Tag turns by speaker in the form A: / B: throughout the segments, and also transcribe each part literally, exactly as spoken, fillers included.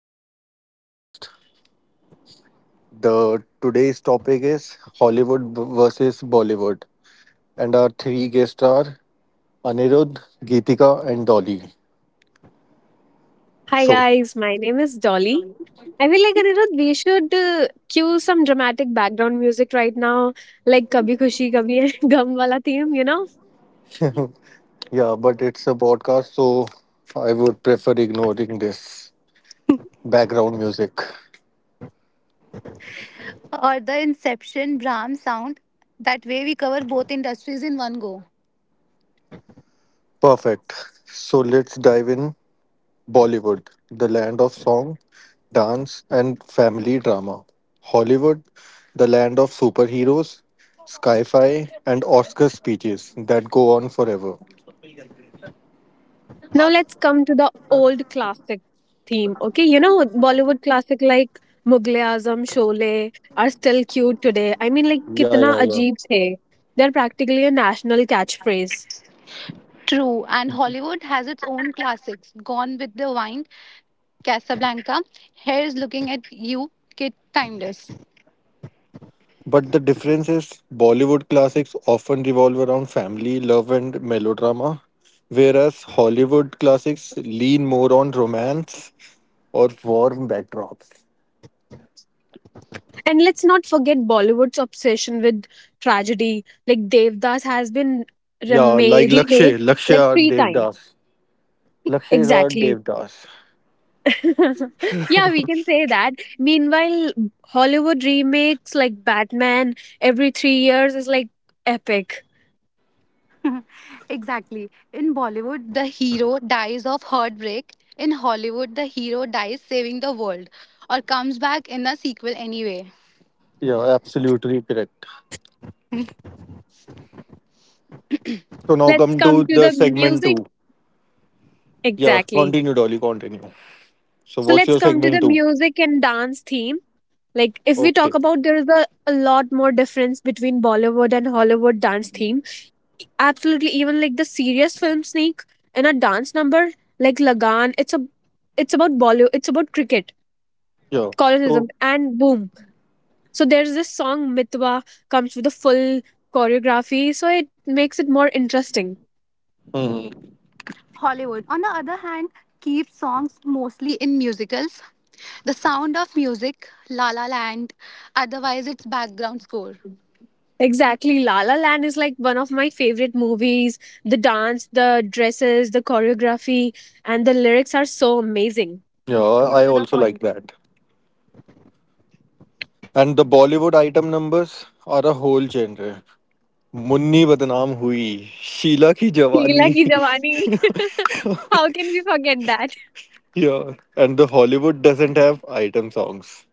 A: our new podcast. The today's topic is Hollywood b- versus Bollywood, and our three guests are Anirudh, Geetika, and Dolly.
B: Hi
A: So,
B: guys, my name is Dolly. I feel like Anirudh, we should uh, cue some dramatic background music right now, like "Kabhi Khushi Kabhi Hai Gum" wala theme, you know.
A: yeah, but it's a podcast, so I would prefer ignoring this background music.
C: Or the Inception Brahm sound. That way, we cover both industries in one go.
A: Perfect. So let's dive in. Bollywood, the land of song, dance, and family drama. Hollywood, the land of superheroes, sci fi, and Oscar speeches that go on forever.
B: Now let's come to the old classic theme, okay? You know, Bollywood classic like Mughal e Azam, Sholay are still cute today. I mean, like
A: Yeah,
B: कितना
A: yeah, yeah.
B: अजीब the. they They're practically a national catchphrase.
C: True, and Hollywood has its own classics Gone with the Wind, Casablanca, Here's Looking at You, Kid Timeless.
A: But the difference is Bollywood classics often revolve around family, love, and melodrama, whereas Hollywood classics lean more on romance or warm backdrops.
B: And let's not forget Bollywood's obsession with tragedy. Like Devdas has been
A: Yeah, like
B: remade, remade
A: Lakshay.
B: like
A: Lakshya
B: three times.
A: Devdas. Lakshay is
B: Exactly.
A: Devdas.
B: Yeah, we can say that. Meanwhile, Hollywood remakes like Batman every three years is like epic.
C: Exactly. In Bollywood, the hero dies of heartbreak. In Hollywood, the hero dies saving the world or comes back in the sequel anyway.
A: Yeah, absolutely correct. So now
B: Let's
A: come to
B: come to
A: the
B: the
A: segment two.
B: music.
A: Yeah,
B: Exactly.
A: continue, Dolly, continue. So
B: So
A: what's
B: let's
A: your
B: come to the
A: segment two?
B: music and dance theme. Like if we talk
A: Okay.
B: about, there is a, a lot more difference between Bollywood and Hollywood dance theme. Absolutely, even like the serious film Sneak and a dance number like Lagan, it's a it's about Bollywood, it's about cricket,
A: Yeah. So,
B: colonialism, and boom. So there's this song Mitwa comes with a full choreography, so it makes it more interesting.
A: hmm.
C: Hollywood, on the other hand, keeps songs mostly in musicals. The Sound of Music, La La Land, otherwise its background score.
B: Exactly. La La Land is like one of my favorite movies. The dance, the dresses, the choreography, and the lyrics are so amazing.
A: Yeah,
C: Yes, up
A: I
C: to the
A: also like
C: point.
A: that. And the Bollywood item numbers are a whole genre. Munni badnaam hui, Sheila ki
B: Teela
A: jawani.
B: ki Jawani. How can we forget that?
A: Yeah, and the Hollywood doesn't have item songs.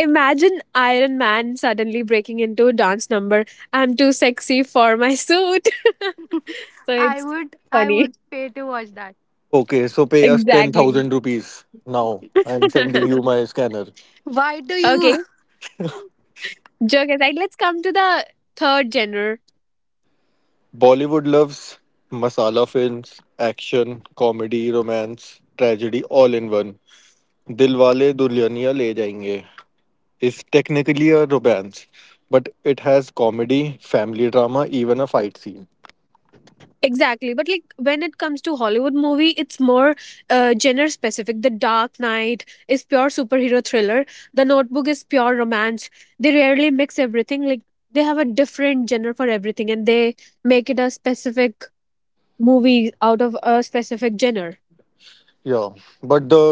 B: Imagine Iron Man suddenly breaking into a dance number. I'm too sexy for my suit. So
C: I
B: it's
C: would I
B: funny.
C: would pay to watch that.
A: Okay, so pay us ten
B: Exactly.
A: thousand rupees now. I'm sending you my scanner.
C: Why do you
B: Okay, joke aside, let's come to the third genre.
A: Bollywood loves masala films, action, comedy, romance, tragedy, all in one. Dilwale Dulhaniya Le Jayenge is technically a romance, but it has comedy, family drama, even a fight scene.
B: Exactly, but like when it comes to Hollywood movie, it's more uh, genre specific. The Dark Knight is pure superhero thriller. The Notebook is pure romance. They rarely mix everything. Like they have a different genre for everything, and they make it a specific movie out of a specific genre.
A: Yeah, but the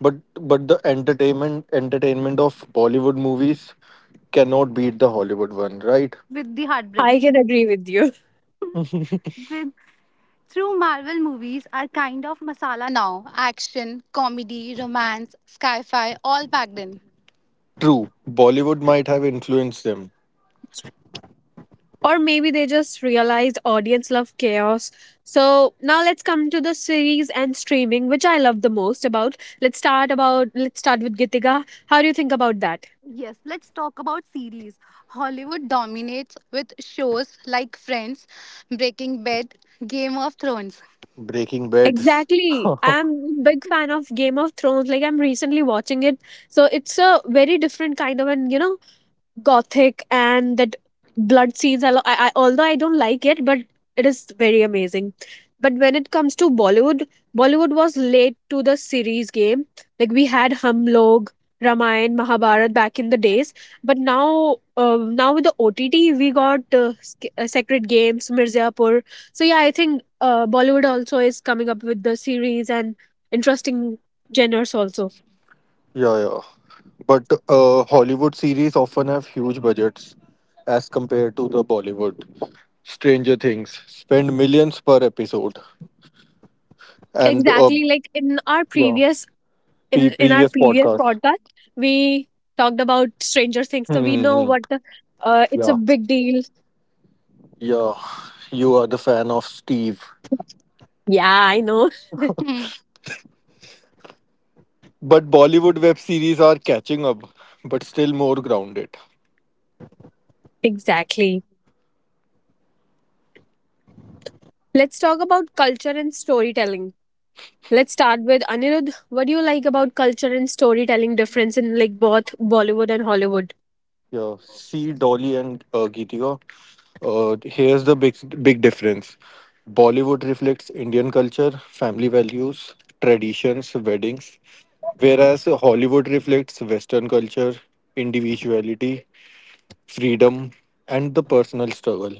A: but but the entertainment entertainment of Bollywood movies cannot beat the Hollywood one, right?
C: with the
B: I
C: heartbreaks?
B: can agree with you.
C: With through Marvel movies are kind of masala now. Action, comedy, romance, sci-fi, all packed in.
A: True, Bollywood might have influenced them.
B: Or maybe they just realized audience love chaos, so now let's come to the series and streaming, which I love the most about. Let's start about let's start with Gitika. How do you think about that?
C: Yes, let's talk about series. Hollywood dominates with shows like Friends, Breaking Bad, Game of Thrones.
A: Breaking Bad.
B: Exactly, I'm a big fan of Game of Thrones. Like I'm recently watching it, so it's a very different kind of, and you know gothic, and that blood scenes. I, lo- I, I Although I don't like it, but it is very amazing. But when it comes to Bollywood, Bollywood was late to the series game. Like we had Hum Log, Ramayan, Mahabharat back in the days, but now, uh, now with the O T T, we got uh, Sk- uh, Sacred Games, Mirzapur. So yeah, I think uh, Bollywood also is coming up with the series and interesting genres also.
A: Yeah, yeah. But uh, Hollywood series often have huge budgets as compared to the Bollywood. Stranger Things spend millions per episode, and uh,
B: Exactly, like in our
A: yeah,
B: previous,
A: P-
B: in in our
A: previous
B: previous
A: podcast.
B: podcast we talked about Stranger Things, so we know
A: Mm-hmm.
B: what the, uh, it's a
A: Yeah,
B: big deal.
A: yeah. You are the fan of Steve,
B: Yeah, I know.
C: Hmm.
A: but Bollywood web series are catching up, but still more grounded.
B: Exactly, let's talk about culture and storytelling. Let's start with Anirudh. What do you like about culture and storytelling difference in like both Bollywood and Hollywood?
A: Yeah, see Dolly and uh, Geetika. Uh, here's the big big difference. Bollywood reflects Indian culture, family values, traditions, weddings, whereas Hollywood reflects Western culture, individuality, freedom, and the personal struggle.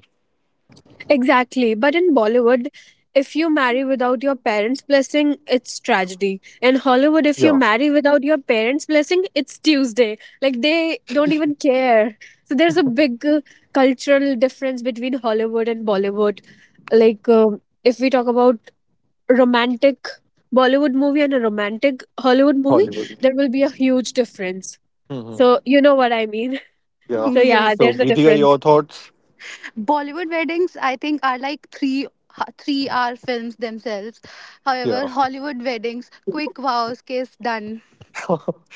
B: Exactly. But in Bollywood, if you marry without your parents' blessing, it's tragedy. In Hollywood, if you
A: Yeah,
B: marry without your parents' blessing, it's Tuesday. Like they don't even care. So there's a big uh, cultural difference between Hollywood and Bollywood. Like um, if we talk about romantic Bollywood movie and a romantic Hollywood movie,
A: Hollywood.
B: there will be a huge difference.
A: Hmm.
B: So you know what I mean.
A: Yeah.
B: So yeah,
C: yes,
A: So,
B: there's a
A: Geetika, your
B: difference.
A: thoughts?
C: Bollywood weddings I think are like three three-hour films themselves. However,
A: Yeah.
C: Hollywood weddings, quick vows, kiss, done.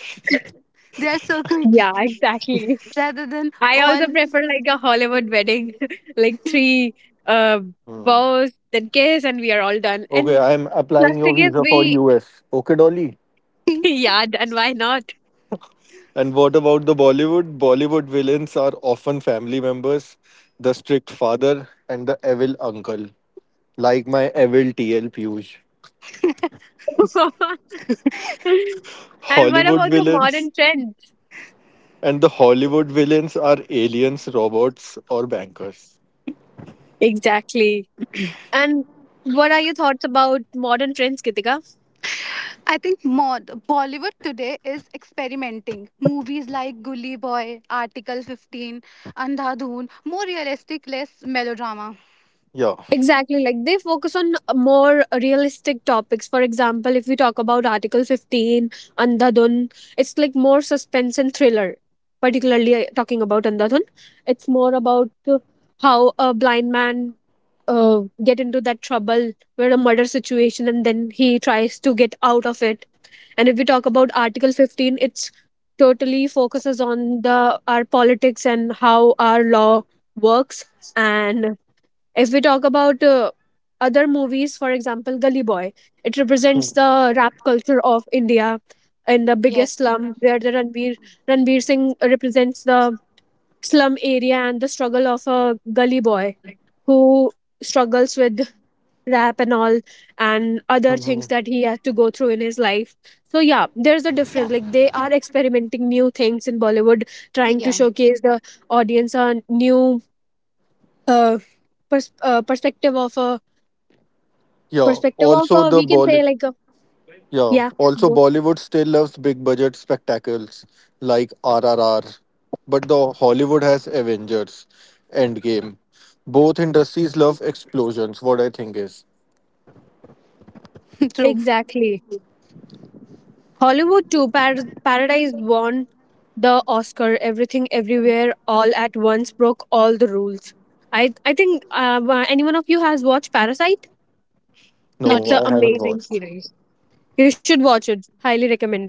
C: They are so quick
B: Yeah, exactly.
C: rather than
B: I
C: all
B: also prefer like a Hollywood wedding, like three uh
A: Hmm.
B: vows, then kiss, and we are all done.
A: Okay,
B: And
A: I'm applying
B: last
A: your
B: thing is
A: visa for
B: we,
A: U S. Okay, Dolly.
B: yeah, and why not?
A: And what about the Bollywood? Bollywood villains are often family members, the strict father and the evil uncle, like my evil T L Piyush.
B: And what
A: Hollywood
B: about the
A: villains
B: modern trends?
A: and the Hollywood villains are aliens, robots, or bankers.
B: Exactly. And what are your thoughts about modern trends, Kitika?
C: I think mod Bollywood today is experimenting. Movies like Gully Boy, Article fifteen, Andhadhun, more realistic, less melodrama.
A: Yeah.
B: Exactly, like they focus on more realistic topics. For example, if we talk about Article fifteen, Andhadhun, it's like more suspense and thriller. Particularly uh, talking about Andhadhun, it's more about uh, how a blind man uh, get into that trouble where a murder situation and then he tries to get out of it. And if we talk about Article fifteen, it's totally focuses on the our politics and how our law works. And if we talk about uh, other movies, for example, Gully Boy, it represents the rap culture of India in the biggest slum, where the Ranbir Ranbir Singh represents the slum area and the struggle of a gully boy who struggles with rap and all and other things
A: Mhm.
B: that he has to go through in his life. So yeah, there's a
C: Yeah,
B: difference. Like they are experimenting new things in Bollywood, trying to showcase the audience a new uh, pers- uh, perspective of a
A: Yeah.
B: Perspective of
A: Also,
B: uh,
A: the
B: we can
A: Bolly
B: say, like uh,
A: Yeah.
B: yeah,
A: Also,
B: wo-
A: Bollywood still loves big budget spectacles like R R R, but the Hollywood has Avengers, Endgame. Both industries love explosions. What I think is,
C: true.
B: exactly. Hollywood too Par- Paradise won the Oscar. Everything Everywhere All at Once broke all the rules. I I think uh, wa- any one of you has watched Parasite?
C: Not
B: It's an
A: no, I
C: yet.
A: haven't
B: amazing
A: watched.
B: series. You should watch it. Highly recommended.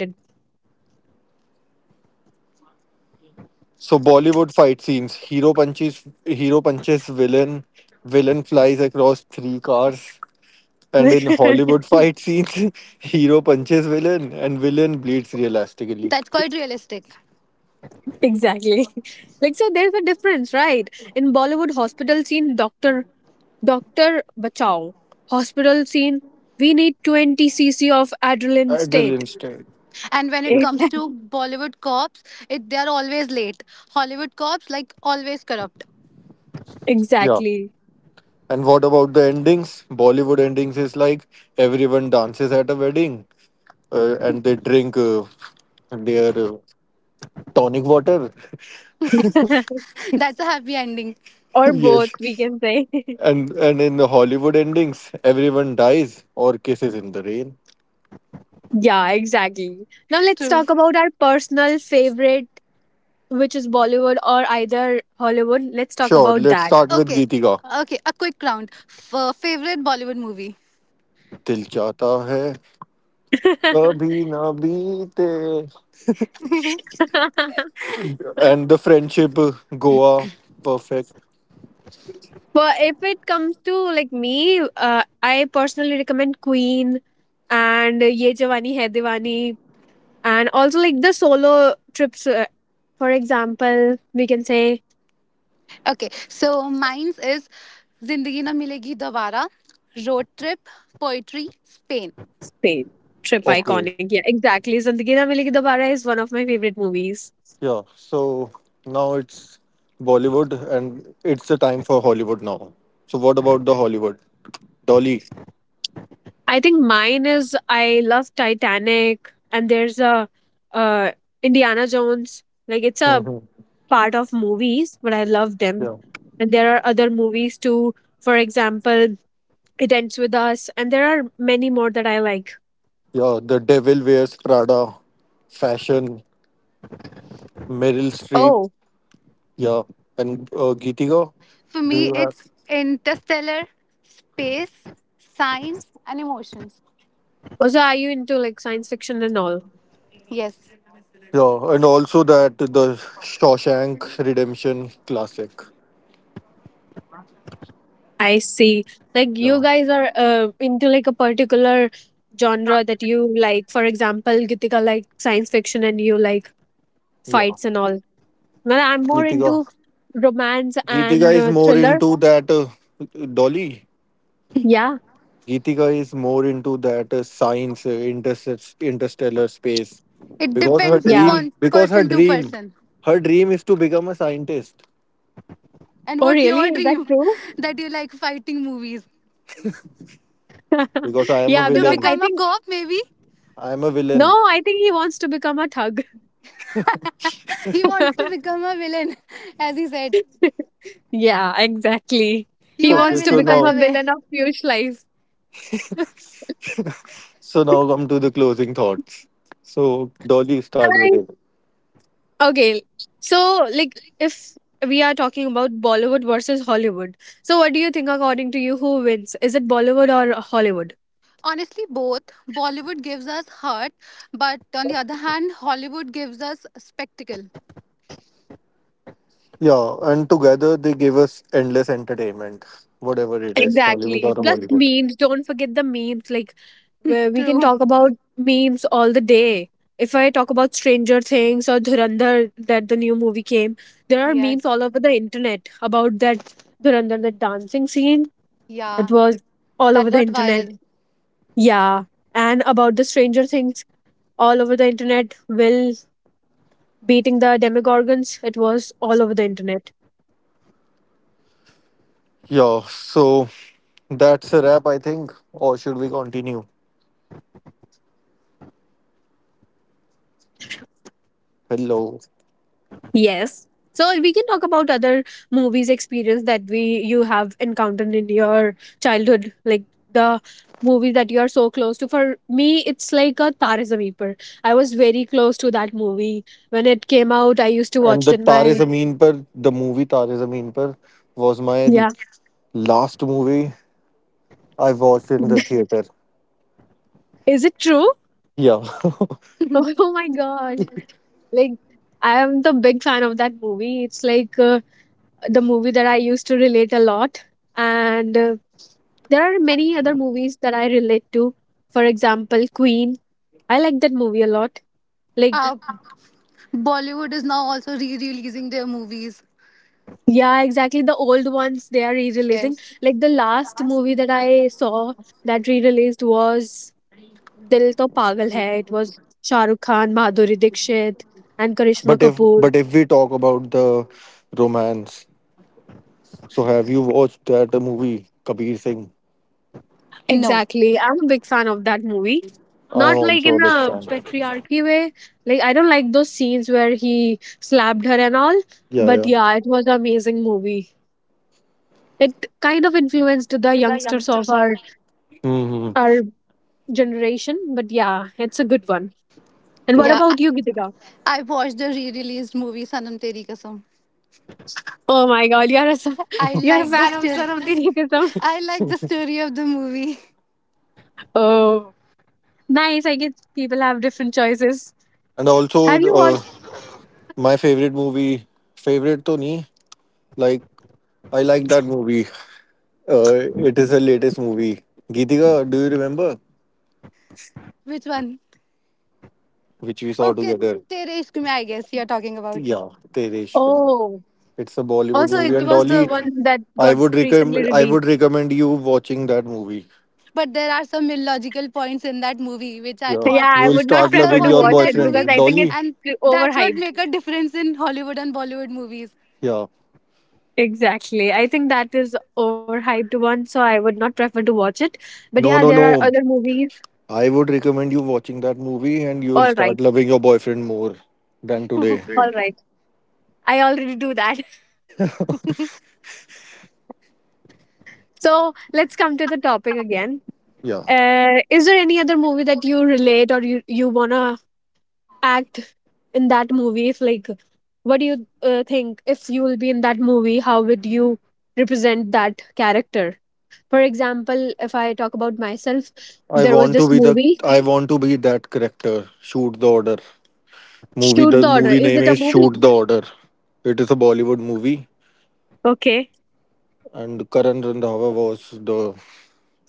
A: So Bollywood fight scenes: hero punches, hero punches villain, villain flies across three cars. And in Hollywood fight scenes, hero punches villain and villain bleeds realistically.
C: That's quite realistic.
B: Exactly. Like so, there's a difference, right? In Bollywood hospital scene, doctor doctor bachao. Hospital scene, we need twenty cc of adrenaline state.
A: Adrenaline state.
C: And when it
A: Yeah.
C: comes to Bollywood cops, it they are always late. Hollywood cops like always corrupt.
A: Yeah.
B: Exactly.
A: And what about the endings? Bollywood endings is like everyone dances at a wedding uh, and they drink uh, their uh, tonic water.
C: That's a happy ending.
B: Or both,
A: Yes.
B: we can say.
A: And and in the Hollywood endings, everyone dies or kisses in the rain.
B: Yeah, exactly. Now let's
C: True.
B: talk about our personal favorite, which is Bollywood or either Hollywood. Let's talk
A: Sure,
B: about
A: let's
B: that.
A: start with
C: Okay.
A: Geetika.
C: Okay, a quick round. F- favorite Bollywood movie?
A: Dil chata hai kabhi na beete.
B: But
A: And the friendship, uh, Goa, perfect.
B: if it comes to like me, uh, I personally recommend Queen and Ye Jawani Hai Diwani and also like the solo trips. Uh, for example, we can say
C: Okay, so mine's is Zindagi Na Milegi Dobara, Road Trip, Poetry, Spain.
B: Spain trip
C: Yeah.
A: Okay.
B: iconic. Yeah, exactly. Zindagi Na Milegi Dobara is one of my favorite movies.
A: Yeah, so now it's Bollywood and it's the time for Hollywood now. So what about the Hollywood? Dolly.
B: I think mine is I love Titanic, and there's a uh, Indiana Jones. Like it's a
A: Hmm.
B: part of movies, but I love them.
A: Yeah.
B: And there are other movies too. For example, It Ends With Us, and there are many more that I like.
A: Yeah, The Devil Wears Prada, fashion, Meryl Streep.
B: Oh,
A: Yeah, and uh, Geetika.
C: For
A: Do
C: me,
A: you have?
C: it's Interstellar, space, science, and emotions.
B: also, are you into like science fiction and all?
C: Yes.
A: Yeah, and also that the Shawshank Redemption classic.
B: I see. Like you
A: Yeah,
B: guys are uh, into like a particular genre that you like. For example, Gitika like science fiction and you like
A: yeah.
B: fights and all. Well, I'm more
A: Geetika.
B: into romance
A: Geetika
B: and
A: is
B: uh,
A: more
B: thriller.
A: into that, uh, Dolly.
B: Yeah.
A: Geetika is more into that uh, science, uh, interst- interstellar space,
C: It
A: because her
C: depends
B: Yeah.
A: dream,
C: upon
A: because her
C: person to
A: dream,
C: person.
A: her dream is to become a scientist.
C: And
B: Oh,
C: what's
B: really?
C: your
B: Is that
C: dream?
B: true?
C: That you like fighting movies.
A: Because I am a
B: Yeah,
C: To
B: become
A: villain,
B: I
C: become a
B: think
C: cop, maybe?
A: I am a
B: no,
A: villain.
B: I think he wants to become a thug.
C: He wants to become a villain, as he said.
B: Yeah, exactly.
C: You
B: He
C: are a
A: Okay,
B: wants to
A: so
C: villain, by
B: become
C: the
B: a
A: now,
C: way.
B: villain of Piyush life.
A: so now come to the closing thoughts. So Dolly, start with it.
B: Okay, so like if we are talking about Bollywood versus Hollywood, so what do you think according to you who wins? Is it Bollywood or Hollywood?
C: Honestly, both. Bollywood gives us heart, but on the other hand, Hollywood gives us spectacle.
A: Yeah, and together they give us endless entertainment, whatever it is, Hollywood
B: Exactly.
A: or
B: Plus
A: Bollywood.
B: memes. Don't forget the memes. Like where we can
C: True.
B: talk about memes all the day. If I talk about Stranger Things or Dhurandhar, that the new movie came, there are memes
C: Yes.
B: all over the internet about that Dhurandhar, that dancing scene.
C: Yeah.
B: It was all over
C: That
B: the
C: got
B: internet.
C: viral.
B: Yeah. And about the Stranger Things all over the internet. Will beating the demogorgons. It was all over the internet.
A: Yeah, so that's a wrap, I think. Or should we continue? Hello.
B: Yes. So we can talk about other movies experience that we you have encountered in your childhood, like the movie that you are so close to. For me, it's like a Tare Zameen Par. I was very close to that movie when it came out. I used to
A: And
B: watch
A: the
B: it in
A: Tare
B: my,
A: Zameen Par, the movie Tare Zameen Par, was my
B: yeah.
A: l- last movie I watched in the theater.
B: Is it true?
A: Yeah.
B: Oh my god! Like I am the big fan of that movie. It's like uh, the movie that I used to relate a lot, and uh, There are many other movies that I relate to. For example, Queen. I like that movie a lot. Like,
C: Uh, Bollywood is now also re releasing their movies.
B: yeah, exactly. The old ones they are re releasing.
C: Yes.
B: Like, the last movie that I saw that re released was Dil To Pagal Hai. It was Shah Rukh Khan, Madhuri Dixit, and Karishma
A: but if
B: Kapoor.
A: but if we talk about the romance, so have you watched that movie Kabir Singh?
C: No.
B: Exactly. I'm a big fan of that movie.
A: I am
B: Not like
A: also
B: in
A: a big
B: a
A: fan.
B: patriarchy way. Like, I don't like those scenes where he slapped her and all.
A: Yeah,
B: But
A: yeah.
B: yeah, it was an amazing movie. It kind of influenced the youngsters of our
A: Hmm.
B: our generation, but yeah, it's a good one. And what
A: Yeah.
C: Yeah. I,
B: about you, Gitika?
C: I watched the re released movie Sanam Teri Kasam.
B: Oh my god, you're a son-
C: I
B: you're a
C: like the
B: fan of
C: story.
B: Sanam. Of the
C: I like the story of the movie.
B: Oh, nice. I guess people have different choices.
A: And
C: Yeah.
A: also,
B: Have you
A: uh,
B: watched?
A: my favorite movie, favorite to nahi, like I like that movie. Uh, it is the latest movie. Geetika, do you remember?
C: Which one?
A: Which we saw
C: Okay.
A: together.
C: Tere Ishq Mein, I guess you're talking about.
A: Yeah, Tereshka.
B: Oh,
A: It's a Bollywood
B: also,
A: movie,
B: it
A: and
B: was the
A: Dolly,
B: one that
A: I
B: got
A: would
B: recently
A: recommend. I would
B: released.
A: recommend you watching that movie.
C: But there are some illogical points in that movie which I
A: Yeah,
C: thought
B: Yeah,
A: you
B: I
A: will
B: would not
A: start
C: after
B: prefer
A: loving
B: to
A: your
C: watching
B: watch
C: that
B: it because
C: movie,
A: boyfriend,
B: I think
A: Dolly.
C: and
B: it's
C: that's what
B: overhyped.
C: make a difference in Hollywood and Bollywood movies.
A: Yeah.
B: Exactly, I think that is overhyped one, so I would not prefer to watch it. But
A: No,
B: yeah,
A: no,
B: there are
A: no.
B: other movies.
A: I would recommend you watching that movie, and you will
B: All
A: start
B: right.
A: loving your boyfriend more than today.
B: All right. I already do that. So let's come to the topic again.
A: Yeah.
B: Uh, is there any other movie that you relate, or you, you want to act in that movie? If, like, what do you uh, think if you will be in that movie, how would you represent that character? For example, if I talk about myself,
A: I
B: there was
A: want to
B: this
A: be the.
B: movie,
A: I want to be that character. Shoot the order. Movie.
B: Shoot
A: The
B: the Order.
A: movie
B: Is
A: name
B: it a
A: is
B: movie?
A: Shoot the Order. It is a Bollywood movie,
B: Okay.
A: and Karan Randhawa was the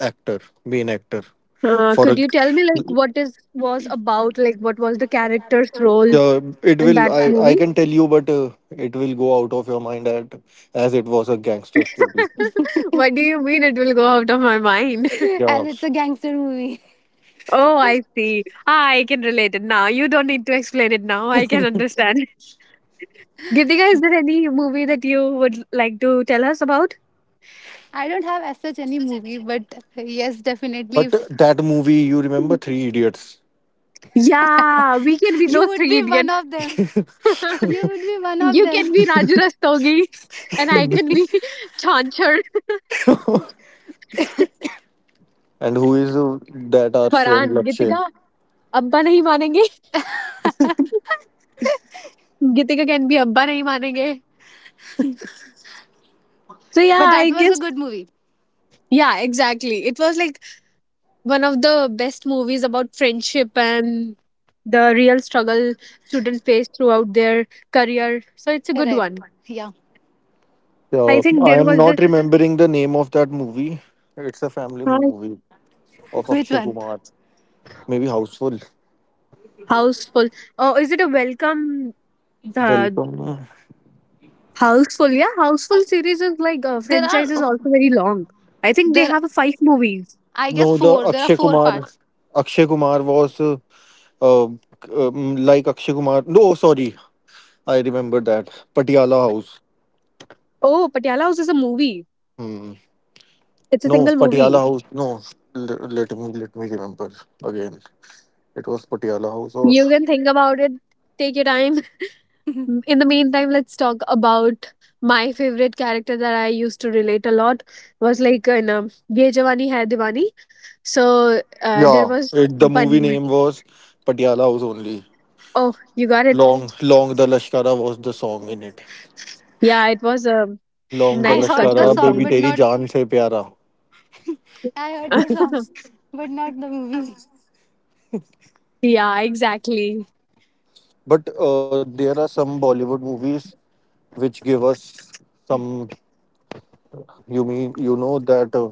A: actor, main actor.
B: Uh,
A: For
B: could
A: a
B: you tell me, like, what is was about, like, what was the character's role
A: Yeah, it
B: in
A: will.
B: that
A: I i
B: movie?
A: can tell you, but uh, it will go out of your mind at, as it was a gangster story.
B: What do you mean it will go out of my mind?
A: Yeah,
C: as it's a gangster movie.
B: Oh, I see. Ah, I can relate it now. You don't need to explain it now. I can understand. Gitika, is there any movie that you would like to tell us about?
C: I don't have as such any movie, but yes, definitely,
A: but
C: if
A: that movie, you remember Three Idiots?
B: Yeah, we can be
C: you
B: those
C: would
B: three
C: be one
B: idiots.
C: of them. You would be one of
B: You can
C: them.
B: be Raju Rastogi, and I can be Chanchar.
A: And who is uh, that, our friend
B: Farhan
A: Lakshay?
B: Geetika Abba nahi मानेंगे गीतिका can be Abba nahi मानेंगे so yeah
C: But that
B: I
C: was a
B: guess.
C: good movie.
B: Yeah, exactly, it was like one of the best movies about friendship and the real struggle students face throughout their career. So it's a good
C: Correct.
B: one.
C: Yeah.
B: I
A: Yeah,
B: think
A: I
B: there
A: am
B: was this
A: not remembering the name of that movie. It's a family
B: house-
A: movie of Akshay
C: Which one?
A: Kumar, maybe Houseful.
B: houseful. Oh, is it a welcome the
A: Welcome.
B: houseful? Yeah, houseful series is like uh,
C: There
B: franchise
C: are
B: is also very long. I think they
C: there.
B: have a five movies.
C: I
A: No,
C: guess
A: the
C: four. There are
A: akshay
C: four
A: kumar
C: parts.
A: akshay kumar was uh, uh, um, like Akshay Kumar, no sorry. I remember that Patiala House.
B: Oh, Patiala House is a movie.
A: Hmm.
B: It's a
A: No,
B: single
A: Patiala
B: movie.
A: House. No, L- let me let me remember again. It was Patiala House, or
B: You can think about it. Take your time. Mm, In the meantime, let's talk about my favorite character that I used to relate a lot was like in um, Ye Jawani Hai Diwani. So uh, there
A: yeah,
B: was
A: it, the movie
B: Bunny.
A: name was Patiala House only.
B: Oh, you got it.
A: Long, long the Lashkara was the song in it.
B: Yeah, it was a
A: Long the
C: I
B: nice
C: heard
A: Lashkara,
C: the
B: cultural
C: song,
A: baby
B: song.
C: but
A: teri
C: not
A: jaan se pyara.
C: I heard the song, but not the movie.
B: Yeah, exactly.
A: But uh, there are some Bollywood movies which give us some. You mean you know that? Uh,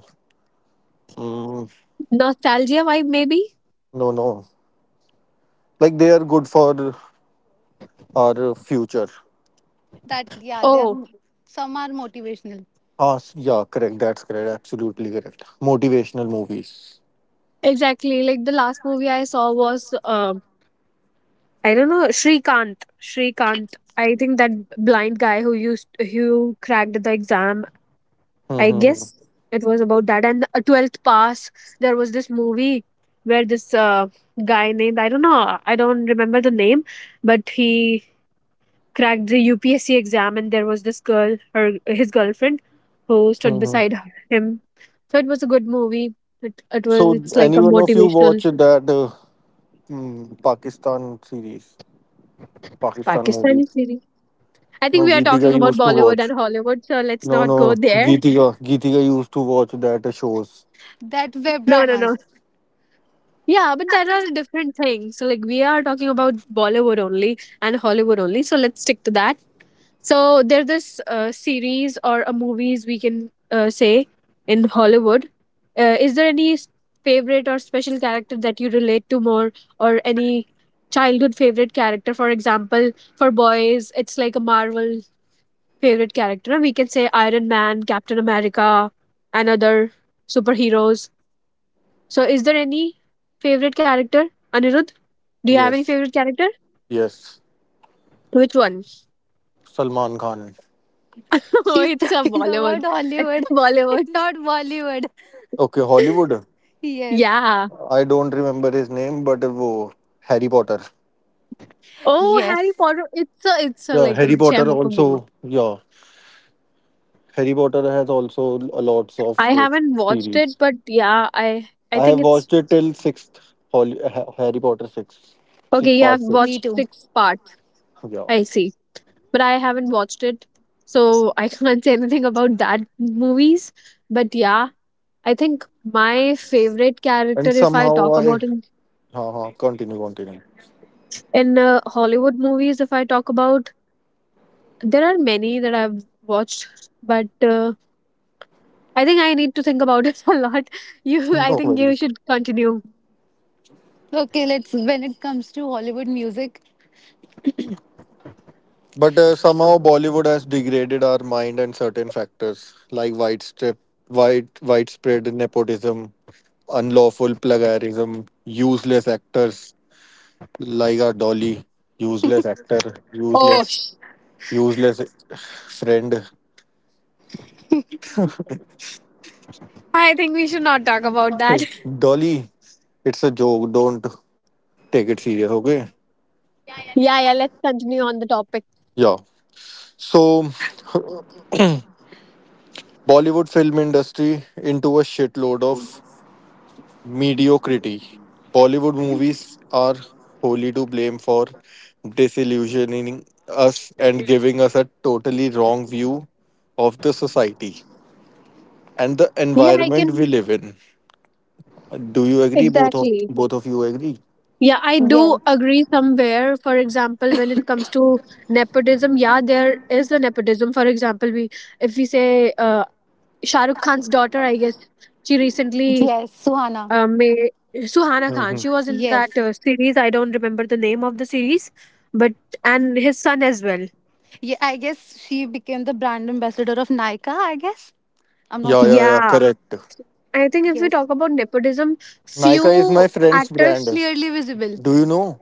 A: mm,
B: Nostalgia vibe, maybe.
A: no, no. Like they are good for our future.
C: That Yeah, they are
B: Oh,
C: some are motivational.
A: Oh, s- yeah, correct. That's correct. Absolutely correct. Motivational movies.
B: exactly. Like the last movie I saw was um I don't know, Shrikant. Shrikant. I think that blind guy who used who cracked the exam, I
A: Mm-hmm. Hmm,
B: guess
A: hmm,
B: it was about that. And the twelfth pass, there was this movie where this uh, guy named, I don't know, I don't remember the name, but he cracked the U P S C exam, and there was this girl, her his girlfriend, who stood
A: hmm, hmm.
B: beside him. So it was a good movie. It it was
A: So,
B: it's like
A: any
B: a
A: one of you watch
B: motivational
A: that uh, mm, Pakistan series, Pakistan movie?
B: Pakistani series. I think
A: No,
B: we are
A: Geetika
B: talking about
A: used to
B: Bollywood and
A: watch.
B: Hollywood, so let's
A: No,
B: not go
A: no,
B: there.
A: Geetika, Geetika used to watch that uh, shows.
C: That web
B: No, no, no.
C: dramas.
B: Yeah, but there are different things. So, like, we are talking about Bollywood only and Hollywood only. So, let's stick to that. So, there this uh, series or a movies we can uh, say in Hollywood. Uh, is there any s- favorite or special character that you relate to more, or any childhood favorite character? For example, for boys, it's like a Marvel favorite character. We can say Iron Man, Captain America, and other superheroes. So, is there any favorite character, Anirudh? Do you have any
A: Yes,
B: favorite character?
A: yes.
B: Which one?
A: Salman Khan.
B: Oh,
C: She's
B: it's a
C: talking
B: Bollywood.
C: about
B: It's
C: Hollywood,
B: a Bollywood.
C: not Bollywood.
A: Okay, Hollywood.
C: Yes,
B: Yeah.
A: I don't remember his name, but uh, wo Harry Potter.
B: Oh, Harry
C: yes,
B: Potter. It's a it's a
A: Yeah,
B: like a
A: Harry Potter
B: gem of a movie.
A: also. Yeah, Harry Potter has also a lots of
B: I
A: uh,
B: haven't watched
A: series.
B: it, but yeah, I I
A: I have
B: think it's
A: watched it till sixth Holly, Ha- Harry Potter six, see
B: okay. You have
A: part
C: me
A: six.
B: watched
C: too.
B: six parts.
A: Yeah,
B: I see, but I haven't watched it, so I can't say anything about that movies. But yeah, I think my favorite character,
A: and
B: if I
A: somehow
B: talk
A: I,
B: about in
A: ha ha, continue, continue.
B: in uh, Hollywood movies, if I talk about. There are many that I've watched, but uh, I think I need to think about it a lot. You, I
A: No
B: think you
A: worries.
B: should continue.
C: Okay, let's. When it comes to Hollywood music,
A: But uh, somehow Bollywood has degraded our mind and certain factors like white strip, wide widespread nepotism, unlawful plagiarism, useless actors like our Dolly, useless actor,
B: Oh,
A: useless
B: sh-
A: useless friend.
B: I think we should not talk about that.
A: Dolly, it's a joke. Don't take it serious, okay?
B: Yeah, yeah, let's continue on the topic.
A: Yeah. So, Bollywood film industry into a shitload of mediocrity. Bollywood movies are wholly to blame for disillusioning us and giving us a totally wrong view of the society and the
B: Yeah, I
A: environment we
B: can,
A: live in. Do you agree? Both of
B: exactly.
A: both of you agree?
B: Yeah, I do
C: yes,
B: agree somewhere. For example, when it comes to nepotism, yeah, there is a nepotism. For example, we, if we say uh, Shah Rukh Khan's daughter, I guess she recently.
C: yes, Suhana,
B: Um, may Suhana Khan.
A: Mhm.
B: She was in
C: yes,
B: that uh, series. I don't remember the name of the series, but and his son as well.
C: yeah. I guess she became the brand ambassador of Nika. I guess I'm not
A: Yeah,
C: sure.
A: yeah, yeah.
B: Yeah,
A: Correct.
B: I think if we
C: Yes,
B: talk about nepotism,
A: Nika is my
B: few
A: friend's brand.
B: actors.
C: clearly visible.
A: Do you know?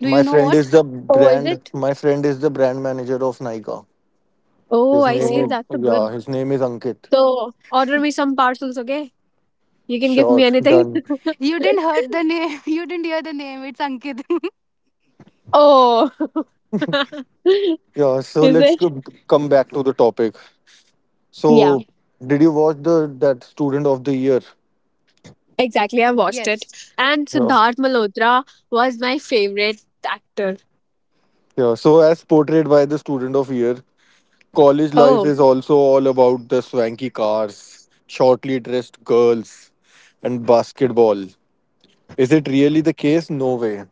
C: Do
A: My
C: you know
A: friend
C: what?
A: is the
B: Oh, is
A: brand.
B: it?
A: My friend is the brand manager of Nika.
B: Oh,
A: His
B: I
A: name
B: see.
A: is,
C: Oh.
B: That's a
A: yeah.
B: good.
A: His name is Ankit.
B: So order me some parcels, okay? You can give me
A: Sure,
B: anything.
A: done.
C: You didn't heard the name. You didn't hear the name. It's Ankit.
B: Oh,
A: Yeah. So
B: is
A: let's
B: it?
A: go, come back to the topic.
B: Yeah,
A: So, did you watch the that student of the year?
B: exactly. I watched it,
C: yes.
B: and
A: Yeah.
B: Siddharth Malhotra was my favorite actor.
A: Yeah. So as portrayed by the student of year, college life
B: Oh,
A: is also all about the swanky cars, shortly dressed girls, and basketball. Is it really the case? No way.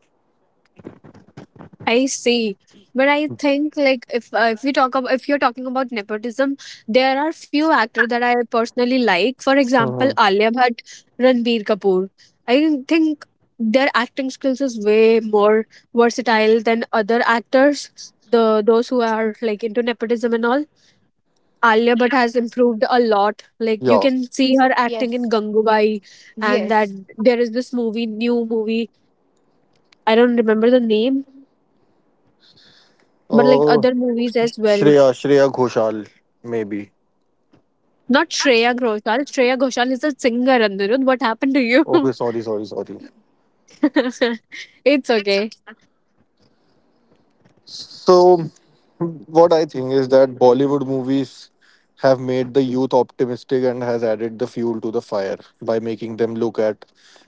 B: I see. But I think like if uh, if we talk about, if you're talking about nepotism, there are few actors that I personally like. For example,
A: Uh-huh.
B: Alia Bhatt, Ranbir Kapoor. I think their acting skills is way more versatile than other actors. The Those who are like into nepotism and all. Alia Bhatt has improved a lot. Like you
A: Yeah.
B: can see her acting in
C: Yes.
B: Gangubai, and that
C: Yes.
B: there is this movie, new movie. I don't remember the name, but like
A: Uh,
B: other movies as well.
A: Shreya, Shreya Ghoshal, maybe.
B: Not Shreya Ghoshal. Shreya Ghoshal is a singer, Anirudh. What happened to you?
A: Okay, sorry, sorry, sorry.
B: It's okay.
A: So, what I think is that Bollywood movies have made the youth optimistic and has added the fuel to the fire by making them look at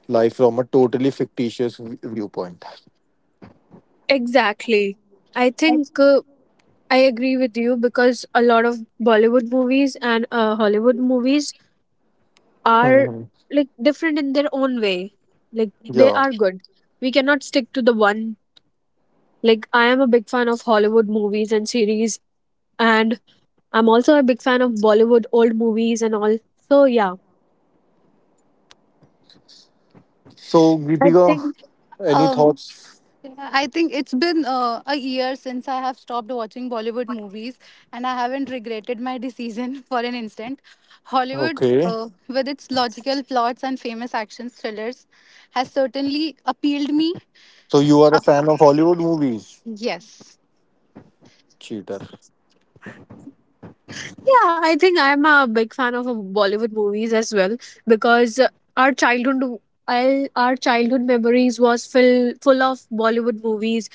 A: life from a totally fictitious v- viewpoint.
B: Exactly. I think uh, I agree with you because a lot of Bollywood movies and uh, Hollywood movies are
A: Hmm.
B: like different in their own way. Like they
A: Yeah.
B: are good. We cannot stick to the one. Like I am a big fan of Hollywood movies and series, and I'm also a big fan of Bollywood old movies and all. So yeah,
A: So,
B: I
A: Geetika,
B: think.
A: any
C: Um,
A: thoughts?
C: I think it's been uh, a year since I have stopped watching Bollywood movies, and I haven't regretted my decision for an instant. Hollywood,
A: Okay.
C: uh, with its logical plots and famous action thrillers, has certainly appealed me.
A: So, you are a fan of Hollywood movies?
C: Yes.
A: Cheater.
B: Yeah, I think I'm a big fan of uh, Bollywood movies as well because uh, our childhood, I, our childhood memories was full full of Bollywood movies,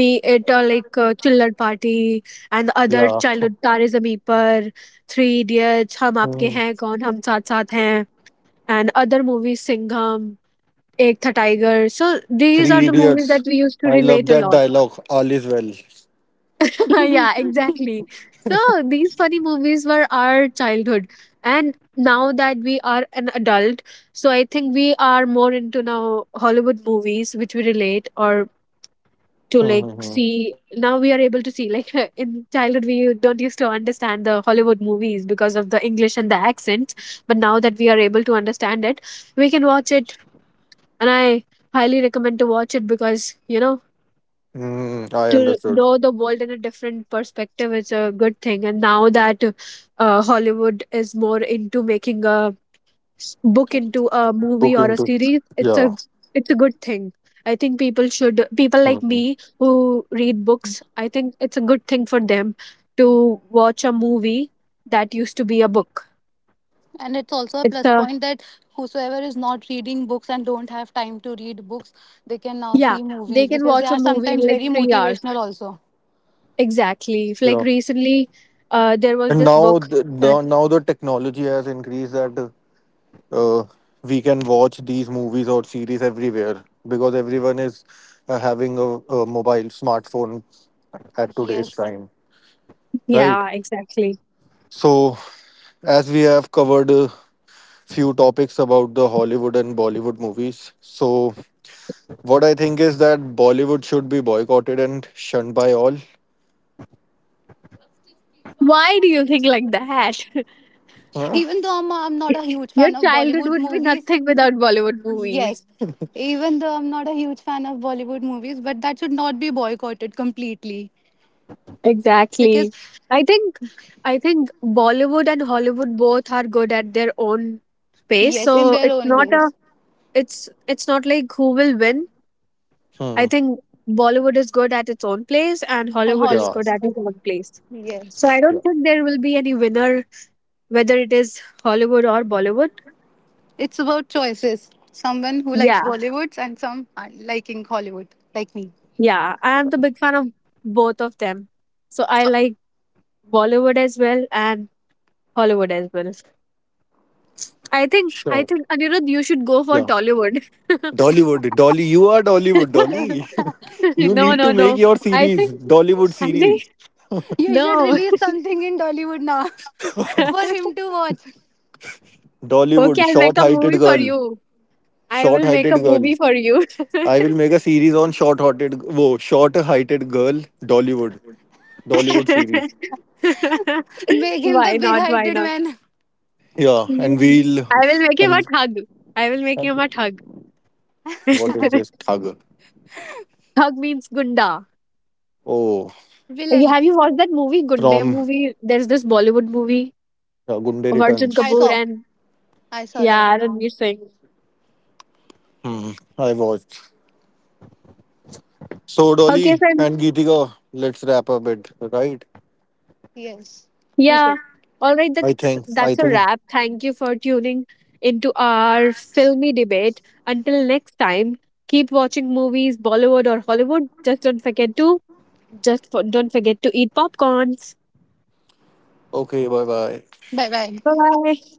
B: be it uh, like uh, Chiller Party and the other
A: Yeah.
B: childhood Tare Zameen Par, Three Idiots, Hum Aapke
A: Hmm.
B: Hain Kaun, Hum Saath Saath Hain, and other movies Singham, Ek Tha Tiger. So these are
A: Three
B: the movies that
A: Idiots.
B: we used to
A: I love
B: relate a
A: that
B: lot.
A: dialogue. All is well.
B: Yeah, exactly. So these funny movies were our childhood. And now that we are an adult, so I think we are more into now Hollywood movies which we relate or to like
A: Mm-hmm.
B: see. Now we are able to see like in childhood we don't used to understand the Hollywood movies because of the English and the accents, but now that we are able to understand it, we can watch it, and I highly recommend to watch it because you know
A: Mm, I
B: to
A: understood.
B: know the world in a different perspective is a good thing. And now that uh, Hollywood is more into making a s- book into a movie
A: Book
B: or a
A: into.
B: series, it's a
A: Yeah.
B: it's a good thing. I think people should, people like me who read books, I think it's a good thing for them to watch a movie that used to be a book.
C: And it's also a
B: It's
C: plus
B: a,
C: point that whosoever is not reading books and don't have time to read books, they can now
B: yeah,
C: see
B: they
C: movies
B: can
C: because they
B: watch a
C: are
B: movie
C: sometimes
B: in like
C: very
B: three hours
C: motivational also.
B: exactly. If, like
A: Yeah,
B: recently uh, there was
A: and
B: this
A: now
B: book
A: the,
B: that,
A: the now the technology has increased that uh, we can watch these movies or series everywhere because everyone is uh, having a, a mobile smartphone at today's
C: Yes,
A: time, right?
B: yeah exactly.
A: So as we have covered a few topics about the Hollywood and Bollywood movies, so what I think is that Bollywood should be boycotted and shunned by all.
B: Why do you think like that?
A: Huh?
C: even though i'm, I'm not a huge
B: Your
C: fan of
B: childhood
C: Bollywood
B: would be
C: movies.
B: nothing without Bollywood movies.
C: Yes, even though I'm not a huge fan of Bollywood movies, but that should not be boycotted completely because
B: Exactly. I think I think Bollywood and Hollywood both are good at their own space.
C: yes, in
B: So
C: their
B: it's
C: own
B: not a,
C: ways,
B: it's it's not like who will win. I
A: Hmm.
B: think Bollywood is good at its own place and
C: on
B: Hollywood is
A: Yeah,
C: Hollywood,
B: good at its own place. So I
C: yes.
A: yeah,
B: don't think there will be any winner whether it is Hollywood or Bollywood.
C: It's about choices, someone who likes
B: Yeah.
C: Bollywoods and some are liking Hollywood, like me.
B: Yeah. I am the big fan of both of them. So I like Bollywood as well and Hollywood as well. I think
A: sure,
B: I think Anirudh, you should go
A: yeah.
B: for Tollywood.
A: Dollywood, Dolly, you are Dollywood, Dolly. You
B: No,
A: need to
B: no,
A: make
B: no.
A: your
B: I
A: series,
B: think
A: Dollywood
B: I
A: series.
B: think
C: You should
B: no.
C: release something in Dollywood now for him to watch.
B: Okay,
A: Dollywood,
B: I'll make
A: short
B: a
A: heighted
B: movie for
A: girl.
B: you. I
A: Short
B: will make
A: heighted
B: a
A: girl.
B: movie for you.
A: I will make a series on short heighted wo short heighted girl, Dollywood. Dollywood series.
C: Make him the
B: Why
C: big
B: not? Why
C: hearted
B: not?
C: man
A: Yeah, and
B: Mhm.
A: we'll
B: I will make him a
A: and
B: thug. I will make him a thug.
A: what is this Thaga?
B: Thug means gunda.
A: Oh,
B: You-
C: villain.
B: Have you watched that movie, Gunde
A: from
B: movie? There's this Bollywood movie.
A: uh, Gunde
B: Arjun
C: I
A: Returns.
B: Kapoor
C: saw.
B: and
C: I saw that.
B: yeah, Ranveer Singh.
A: Hmm, I watched. So
B: Okay,
A: Dolly
B: so
A: and Geetika, let's wrap up it, right?
C: Yes. We should.
B: yeah, all right.
A: I
B: That's
A: think. I
B: that's a
A: think.
B: wrap. Thank you for tuning into our filmy debate. Until next time, keep watching movies, Bollywood or Hollywood. Just don't forget to, just for, don't forget to eat popcorns.
A: Okay, bye bye.
C: Bye bye.
B: Bye bye.